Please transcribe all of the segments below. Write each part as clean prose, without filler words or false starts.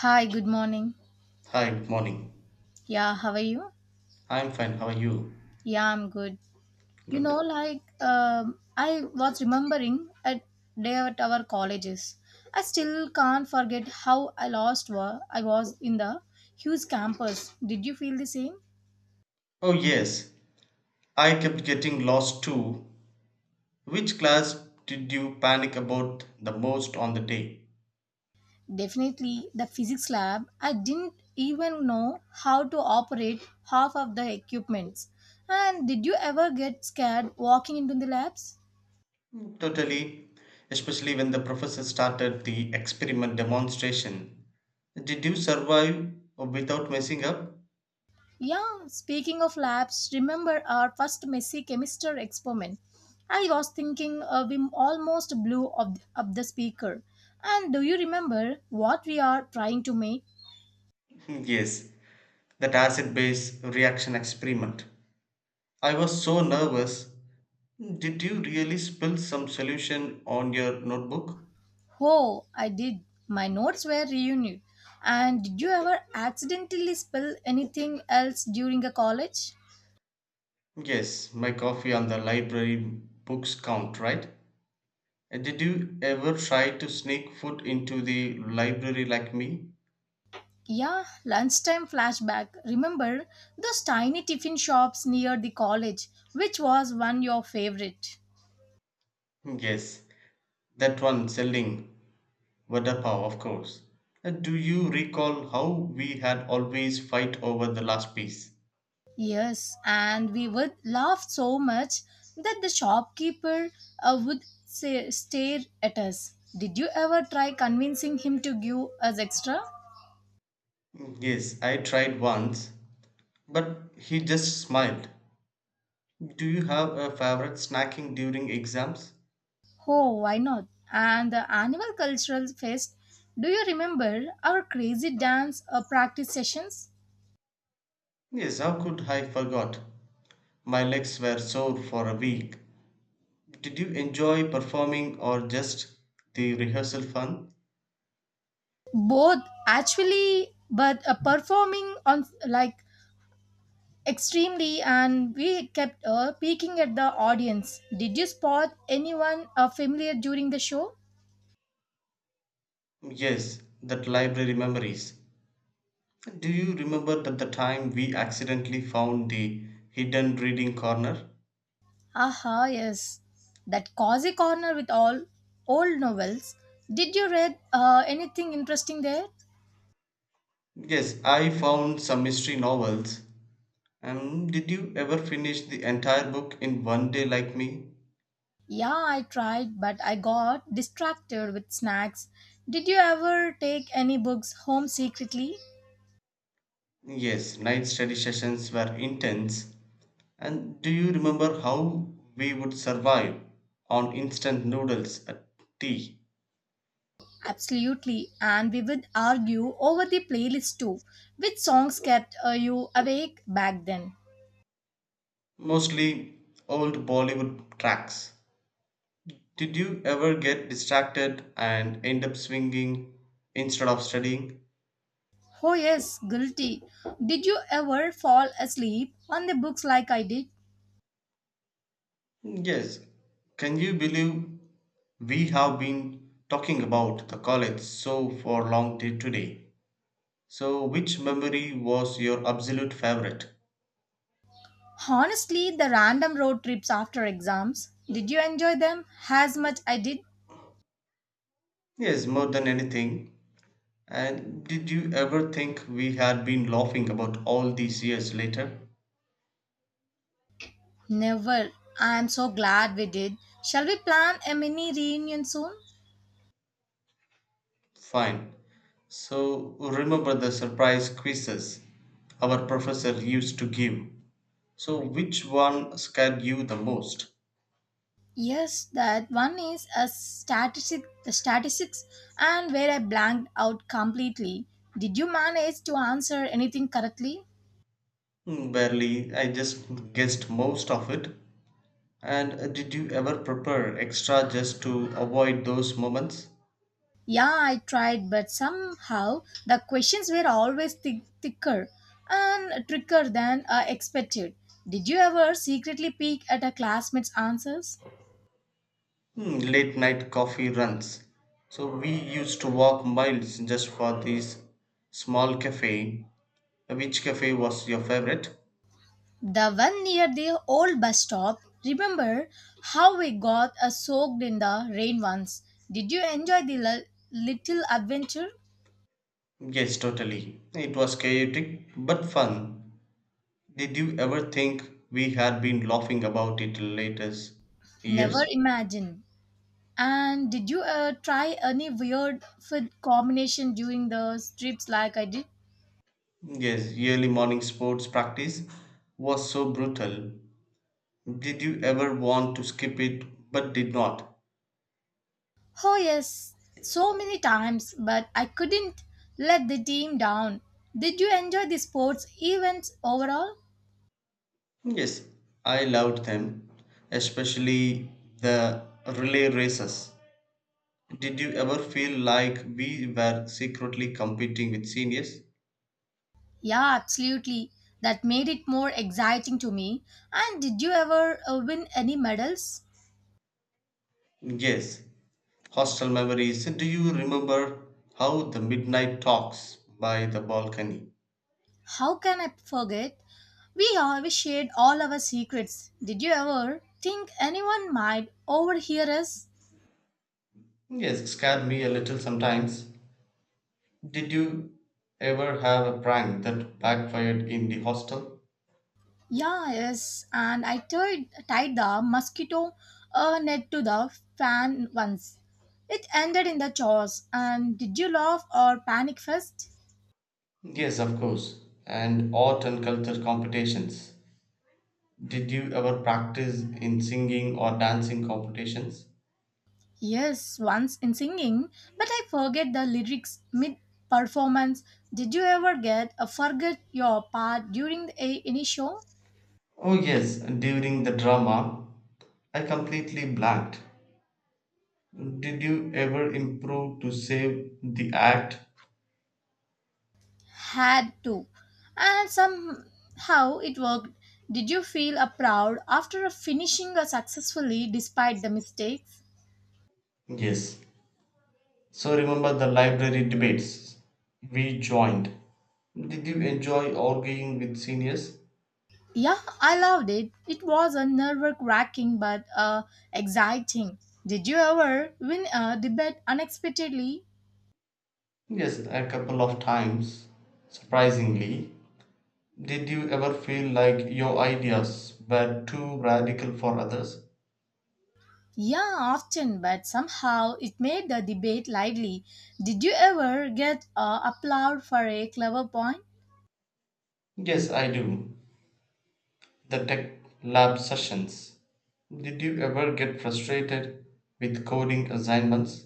Hi, good morning. Hi, good morning. Yeah, how are you? I'm fine. How are you? Yeah, I'm good. Good. I was remembering a day at our colleges. I still can't forget how I lost I was in the huge campus. Did you feel the same? Oh, yes. I kept getting lost too. Which class did you panic about the most on the day? Definitely, the physics lab. I didn't even know how to operate half of the equipments. And did you ever get scared walking into the labs? Totally. Especially when the professor started the experiment demonstration. Did you survive without messing up? Yeah, speaking of labs, remember our first messy chemistry experiment? I was thinking we almost blew up the speaker. And do you remember what we are trying to make? Yes, that acid base reaction experiment. I was so nervous. Did you really spill some solution on your notebook? Oh, I did. My notes were reunited. And did you ever accidentally spill anything else during a college? Yes, my coffee and the library books count, right? Did you ever try to sneak food into the library like me? Yeah, lunchtime flashback. Remember those tiny tiffin shops near the college? Which was one your favorite? Yes, that one selling vada pav, of course. Do you recall how we had always fight over the last piece? Yes, and we would laugh so much that the shopkeeper would say, stare at us. Did you ever try convincing him to give us extra? Yes, I tried once, but he just smiled. Do you have a favorite snacking during exams? Oh, why not? And the annual cultural fest, do you remember our crazy dance practice sessions? Yes, how could I forgot? My legs were sore for a week. Did you enjoy performing or just the rehearsal fun? Both actually, but performing on like extremely, and we kept peeking at the audience. Did you spot anyone familiar during the show? Yes, that library memories. Do you remember that the time we accidentally found the hidden reading corner? Aha, yes. That cozy corner with all old novels. Did you read anything interesting there? Yes, I found some mystery novels. Did you ever finish the entire book in one day like me? Yeah, I tried, but I got distracted with snacks. Did you ever take any books home secretly? Yes, night study sessions were intense. And do you remember how we would survive on instant noodles at tea? Absolutely, and we would argue over the playlist too. Which songs kept you awake back then? Mostly old Bollywood tracks. Did you ever get distracted and end up swinging instead of studying? Oh, yes, guilty. Did you ever fall asleep on the books like I did? Yes. Can you believe we have been talking about the college so for long till today? So, which memory was your absolute favorite? Honestly, the random road trips after exams, did you enjoy them as much I did? Yes, more than anything. And did you ever think we had been laughing about all these years later? Never. I am so glad we did. Shall we plan a mini reunion soon? Fine. So remember the surprise quizzes our professor used to give. So which one scared you the most? Yes, that one is a statistics and where I blanked out completely. Did you manage to answer anything correctly? Barely. I just guessed most of it. And did you ever prepare extra just to avoid those moments? Yeah, I tried, but somehow the questions were always thicker and trickier than I expected. Did you ever secretly peek at a classmate's answers? Late night coffee runs. So we used to walk miles just for this small cafe. Which cafe was your favorite? The one near the old bus stop. Remember how we got soaked in the rain once? Did you enjoy the little adventure? Yes, totally. It was chaotic but fun. Did you ever think we had been laughing about it latest Never years? imagine. And did you try any weird food combination during those trips like I did? Yes, yearly morning sports practice was so brutal. Did you ever want to skip it but did not? Oh, yes, so many times, but I couldn't let the team down. Did you enjoy the sports events overall? Yes, I loved them, especially the relay races. Did you ever feel like we were secretly competing with seniors? Yeah, absolutely. That made it more exciting to me. And did you ever win any medals? Yes, hostel memories. Do you remember how the midnight talks by the balcony? How can I forget? We always shared all our secrets. Did you ever think anyone might overhear us? Yes, it scared me a little sometimes. Did you ever have a prank that backfired in the hostel? Yeah, yes, and I tied the mosquito net to the fan once. It ended in the chores. And did you laugh or panic first? Yes, of course. And art and culture competitions. Did you ever practice in singing or dancing competitions? Yes, once in singing, but I forget the lyrics mid performance. Did you ever get a forget your part during any show? Oh, yes, during the drama, I completely blanked. Did you ever improve to save the act? Had to. And somehow it worked. Did you feel a proud after finishing a successfully despite the mistakes? Yes, so remember the library debates we joined. Did you enjoy arguing with seniors? Yeah, I loved it. It was a nerve-wracking but exciting. Did you ever win a debate unexpectedly? Yes, a couple of times, surprisingly. Did you ever feel like your ideas were too radical for others? Yeah, often, but somehow it made the debate lively. Did you ever get applaud for a clever point? Yes, I do. The tech lab sessions. Did you ever get frustrated with coding assignments?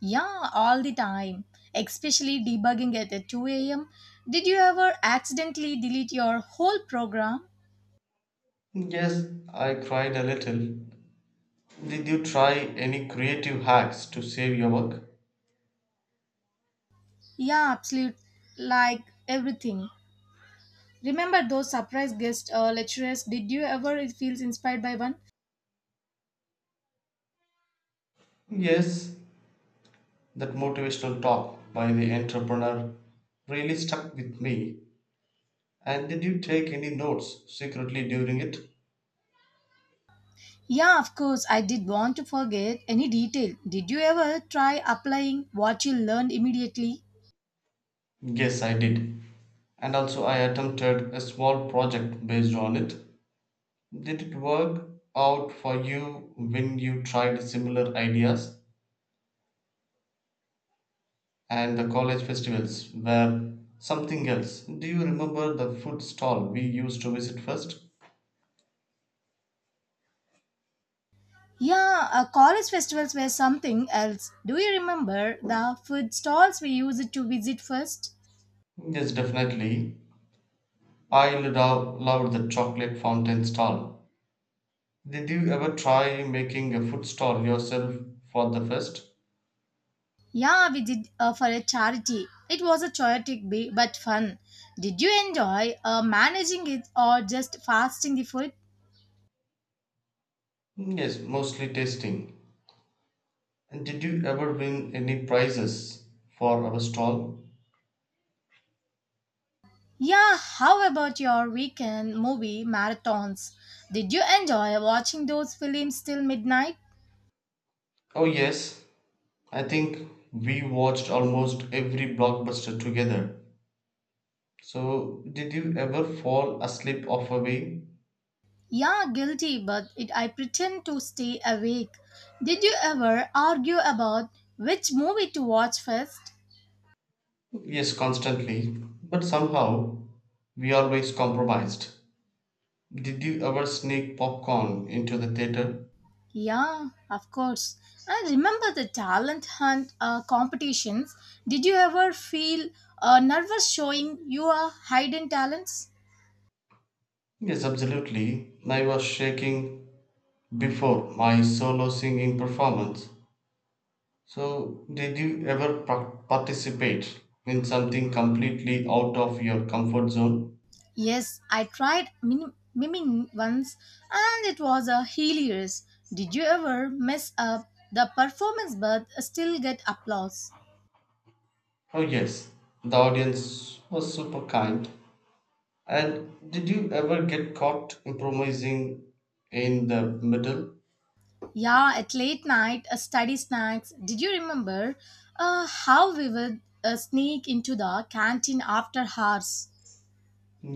Yeah, all the time, especially debugging at 2 a.m. Did you ever accidentally delete your whole program? Yes, I cried a little. Did you try any creative hacks to save your work? Yeah, absolute, like everything. Remember those surprise guest lecturers? Did you ever feel inspired by one? Yes, that motivational talk by the entrepreneur really stuck with me. And did you take any notes secretly during it? Yeah, of course, I did want to forget any detail. Did you ever try applying what you learned immediately? Yes, I did. And also, I attempted a small project based on it. Did it work out for you when you tried similar ideas? And the college festivals were something else. Do you remember the food stall we used to visit first? Yeah, college festivals were something else. Do you remember the food stalls we used to visit first? Yes, definitely. I loved the chocolate fountain stall. Did you ever try making a food stall yourself for the first? Yeah, we did for a charity. It was a chaotic but fun. Did you enjoy managing it or just fasting the food? Yes, mostly tasting. And did you ever win any prizes for our stall? Yeah, how about your weekend movie marathons? Did you enjoy watching those films till midnight? Oh, yes. I think we watched almost every blockbuster together. So, did you ever fall asleep off a way? Yeah, guilty, but it, I pretend to stay awake. Did you ever argue about which movie to watch first? Yes, constantly. But somehow, we always compromised. Did you ever sneak popcorn into the theater? Yeah, of course. I remember the talent hunt competitions. Did you ever feel nervous showing your hidden talents? Yes, absolutely. I was shaking before my solo singing performance. So, did you ever participate in something completely out of your comfort zone? Yes, I tried miming once and it was a hilarious. Did you ever mess up the performance but still get applause? Oh, yes, the audience was super kind. And did you ever get caught improvising in the middle? Yeah, at late night, study snacks. Did you remember how we would sneak into the canteen after hours?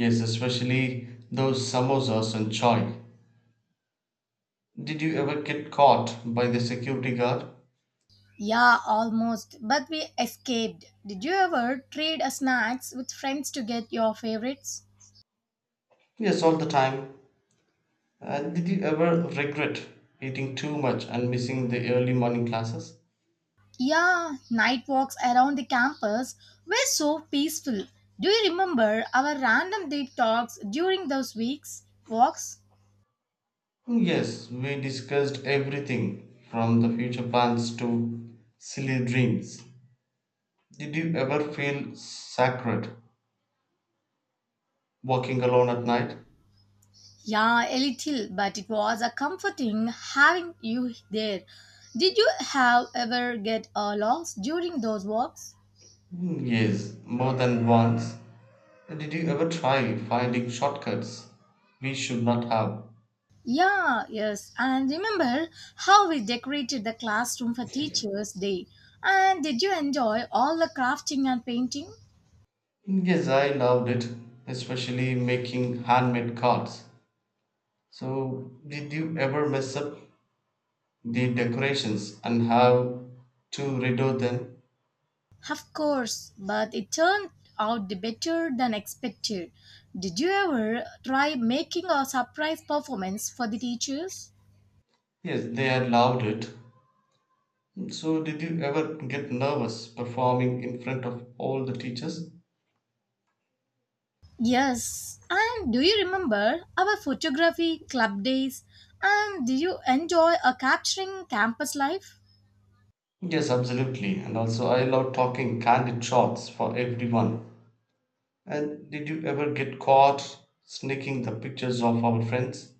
Yes, especially those samosas and chai. Did you ever get caught by the security guard? Yeah, almost, but we escaped. Did you ever trade snacks with friends to get your favorites? Yes, all the time. Did you ever regret eating too much and missing the early morning classes? Yeah, night walks around the campus were so peaceful. Do you remember our random deep talks during those weeks walks? Yes, we discussed everything from the future plans to silly dreams. Did you ever feel sacred walking alone at night? Yeah, a little, but it was a comforting having you there. Did you have ever get lost during those walks? Yes, more than once. Did you ever try finding shortcuts we should not have? Yeah, yes, and remember how we decorated the classroom for Teachers' Day. And did you enjoy all the crafting and painting? Yes, I loved it, especially making handmade cards. So, did you ever mess up the decorations and how to redo them. Of course, but it turned out better than expected. Did you ever try making a surprise performance for the teachers? Yes, they had loved it. So, did you ever get nervous performing in front of all the teachers? Yes, and do you remember our photography club days? And did you enjoy a capturing campus life? Yes, absolutely. And also, I love talking candid shots for everyone. And did you ever get caught sneaking the pictures of our friends?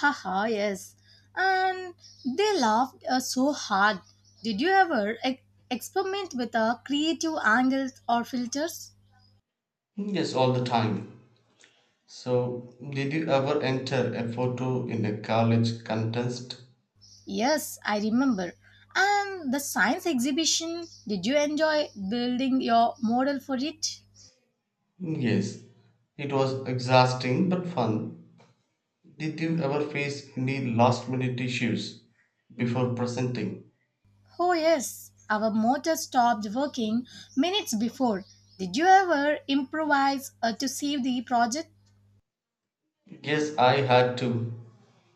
Haha, yes. And they laughed so hard. Did you ever experiment with creative angles or filters? Yes, all the time. So, did you ever enter a photo in a college contest? Yes, I remember. And the science exhibition, did you enjoy building your model for it? Yes, it was exhausting but fun. Did you ever face any last minute issues before presenting? Oh, yes, our motor stopped working minutes before. Did you ever improvise to save the project? Yes, I had to.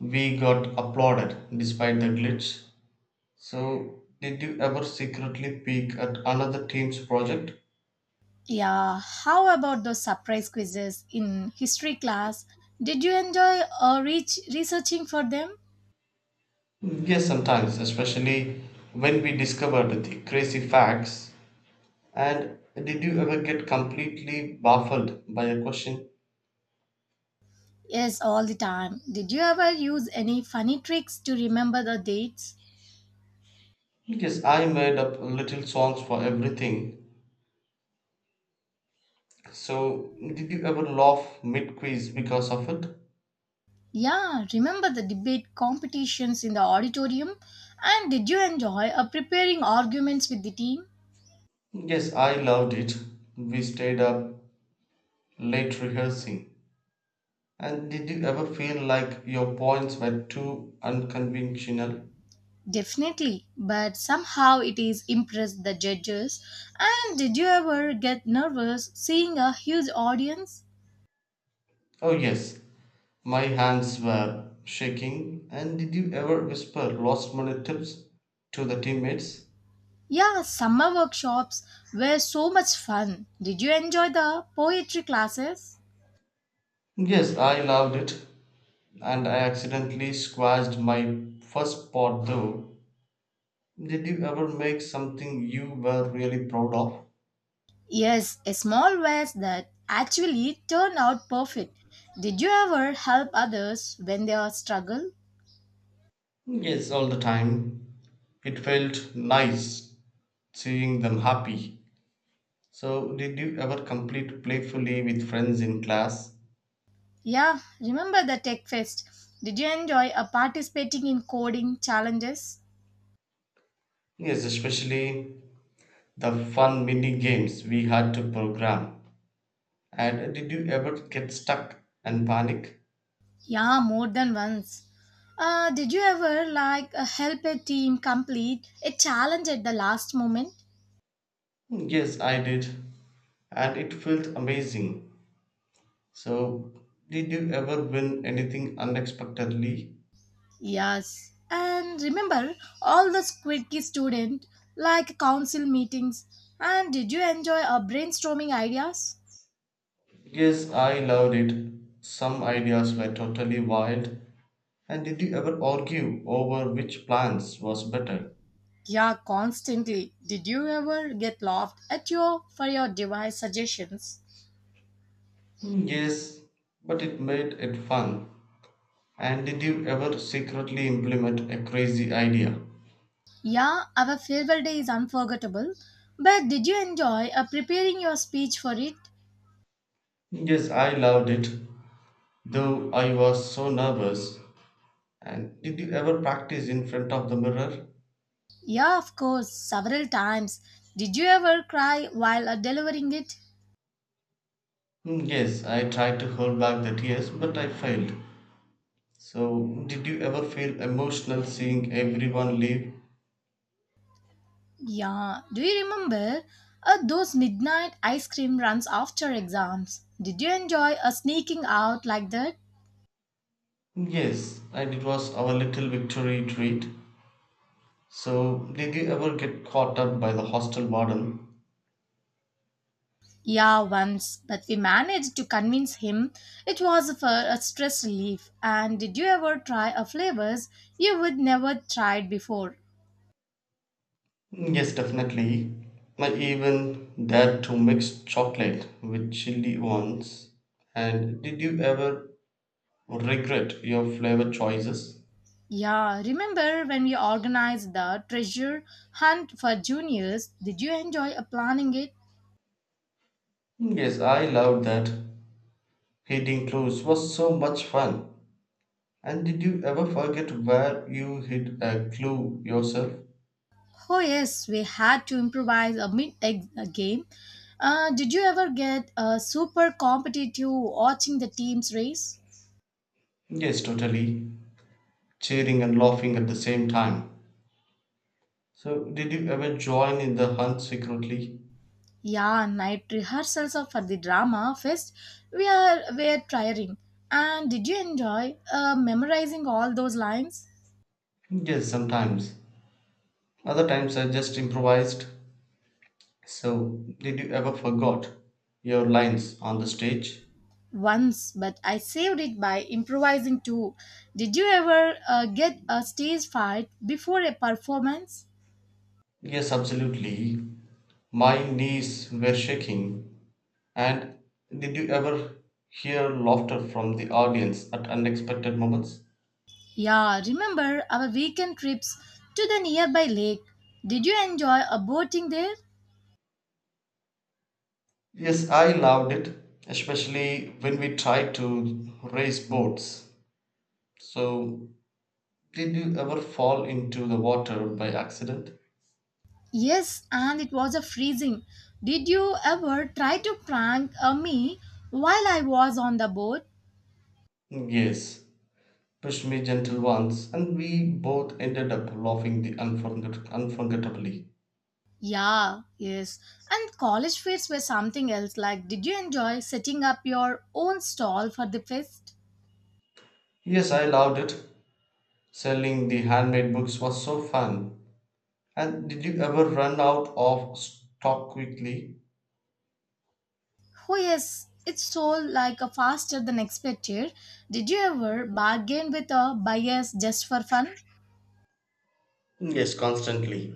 We got applauded despite the glitch. So, did you ever secretly peek at another team's project? Yeah, how about those surprise quizzes in history class? Did you enjoy reach researching for them? Yes, sometimes, especially when we discovered the crazy facts. And did you ever get completely baffled by a question? Yes, all the time. Did you ever use any funny tricks to remember the dates? Yes, I made up little songs for everything. So, did you ever laugh mid quiz because of it? Yeah, remember the debate competitions in the auditorium? And did you enjoy preparing arguments with the team? Yes, I loved it. We stayed up late rehearsing. And did you ever feel like your points were too unconventional? Definitely, but somehow it is impressed the judges. And did you ever get nervous seeing a huge audience? Oh, yes, my hands were shaking. And did you ever whisper last minute tips to the teammates? Yeah, summer workshops were so much fun. Did you enjoy the poetry classes? Yes, I loved it. And I accidentally squashed my first pot though. Did you ever make something you were really proud of? Yes, a small verse that actually turned out perfect. Did you ever help others when they are struggle? Yes, all the time. It felt nice seeing them happy. So, did you ever compete playfully with friends in class? Yeah, remember the Tech Fest? Did you enjoy participating in coding challenges? Yes, especially the fun mini games we had to program. And did you ever get stuck and panic? Yeah, more than once. Did you ever like help a team complete a challenge at the last moment? Yes, I did. And it felt amazing. So, did you ever win anything unexpectedly? Yes. And remember all the quirky student like council meetings. And did you enjoy brainstorming ideas? Yes, I loved it. Some ideas were totally wild. And did you ever argue over which plans was better? Yeah, constantly. Did you ever get laughed at your for your device suggestions? Yes, but it made it fun. And did you ever secretly implement a crazy idea? Yeah, our farewell day is unforgettable. But did you enjoy preparing your speech for it? Yes, I loved it, though I was so nervous. And did you ever practice in front of the mirror? Yeah, of course, several times. Did you ever cry while delivering it? Yes, I tried to hold back the tears, but I failed. So, did you ever feel emotional seeing everyone leave? Yeah, do you remember those midnight ice cream runs after exams? Did you enjoy sneaking out like that? Yes, and it was our little victory treat. So, did you ever get caught up by the hostel model? Yeah, once, but we managed to convince him it was for a stress relief. And did you ever try a flavors you would never tried before? Yes, definitely. I even dared to mix chocolate with chili once. And did you ever regret your flavor choices? Yeah, remember when we organized the treasure hunt for juniors? Did you enjoy planning it? Yes, I loved that. Hiding clues was so much fun. And did you ever forget where you hid a clue yourself? Oh, yes, we had to improvise a mid a game. Did you ever get super competitive watching the teams race? Yes, totally. Cheering and laughing at the same time. So, did you ever join in the hunt secretly? Yeah, night rehearsals for the drama fest we are were tiring. And did you enjoy memorizing all those lines? Yes, sometimes. Other times I just improvised. So, did you ever forgot your lines on the stage? Once, but I saved it by improvising too. Did you ever get a stage fright before a performance? Yes, absolutely. My knees were shaking. And did you ever hear laughter from the audience at unexpected moments? Yeah, remember our weekend trips to the nearby lake. Did you enjoy a boating there? Yes, I loved it, especially when we tried to race boats. So, did you ever fall into the water by accident? Yes, and it was a freezing. Did you ever try to prank me while I was on the boat? Yes, pushed me gentle once, and we both ended up laughing the unforgettably. Yeah, yes. And college fests were something else. Like, did you enjoy setting up your own stall for the fest? Yes, I loved it. Selling the handmade books was so fun. And did you ever run out of stock quickly? Oh yes, it sold like a faster than expected. Did you ever bargain with a buyers just for fun? Yes, constantly.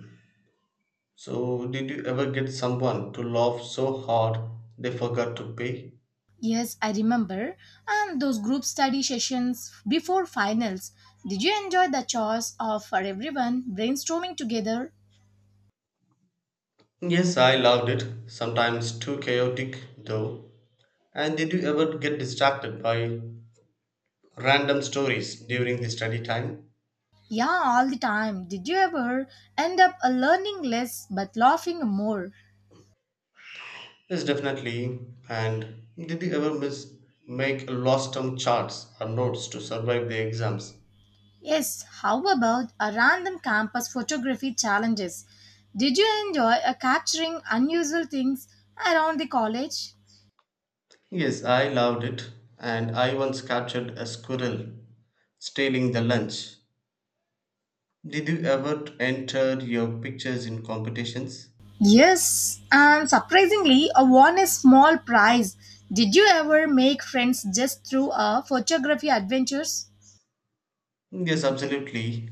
So, did you ever get someone to laugh so hard they forgot to pay? Yes, I remember. And those group study sessions before finals. Did you enjoy the chores of for everyone brainstorming together? Yes, I loved it. Sometimes too chaotic, though. And did you ever get distracted by random stories during the study time? Yeah, all the time. Did you ever end up learning less but laughing more? Yes, definitely. And did you ever miss make lost term charts or notes to survive the exams? Yes, how about a random campus photography challenges? Did you enjoy capturing unusual things around the college? Yes, I loved it. And I once captured a squirrel stealing the lunch. Did you ever enter your pictures in competitions? Yes, and surprisingly, I won a small prize. Did you ever make friends just through a photography adventures? Yes, absolutely.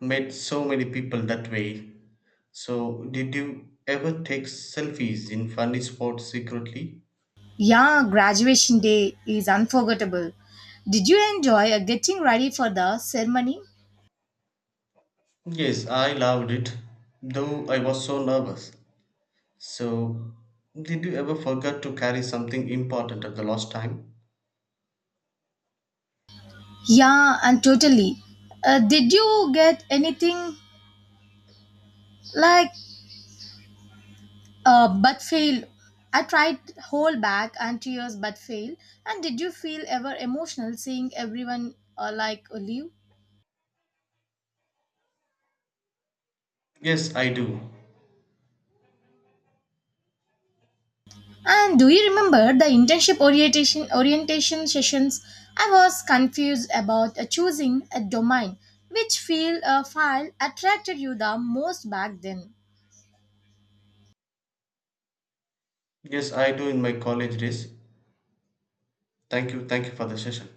Met so many people that way. So, did you ever take selfies in funny spots secretly? Yeah, graduation day is unforgettable. Did you enjoy getting ready for the ceremony? Yes, I loved it, though I was so nervous. So, did you ever forget to carry something important at the last time? Yeah, and totally. Did you get anything like but fail. I tried hold back and tears but fail. And did you feel ever emotional seeing everyone like leave? Yes, I do. And do you remember the internship orientation sessions? I was confused about choosing a domain. Which field file attracted you the most back then? Yes, I do in my college days. Thank you. Thank you for the session.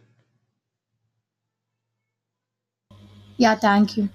Yeah, thank you.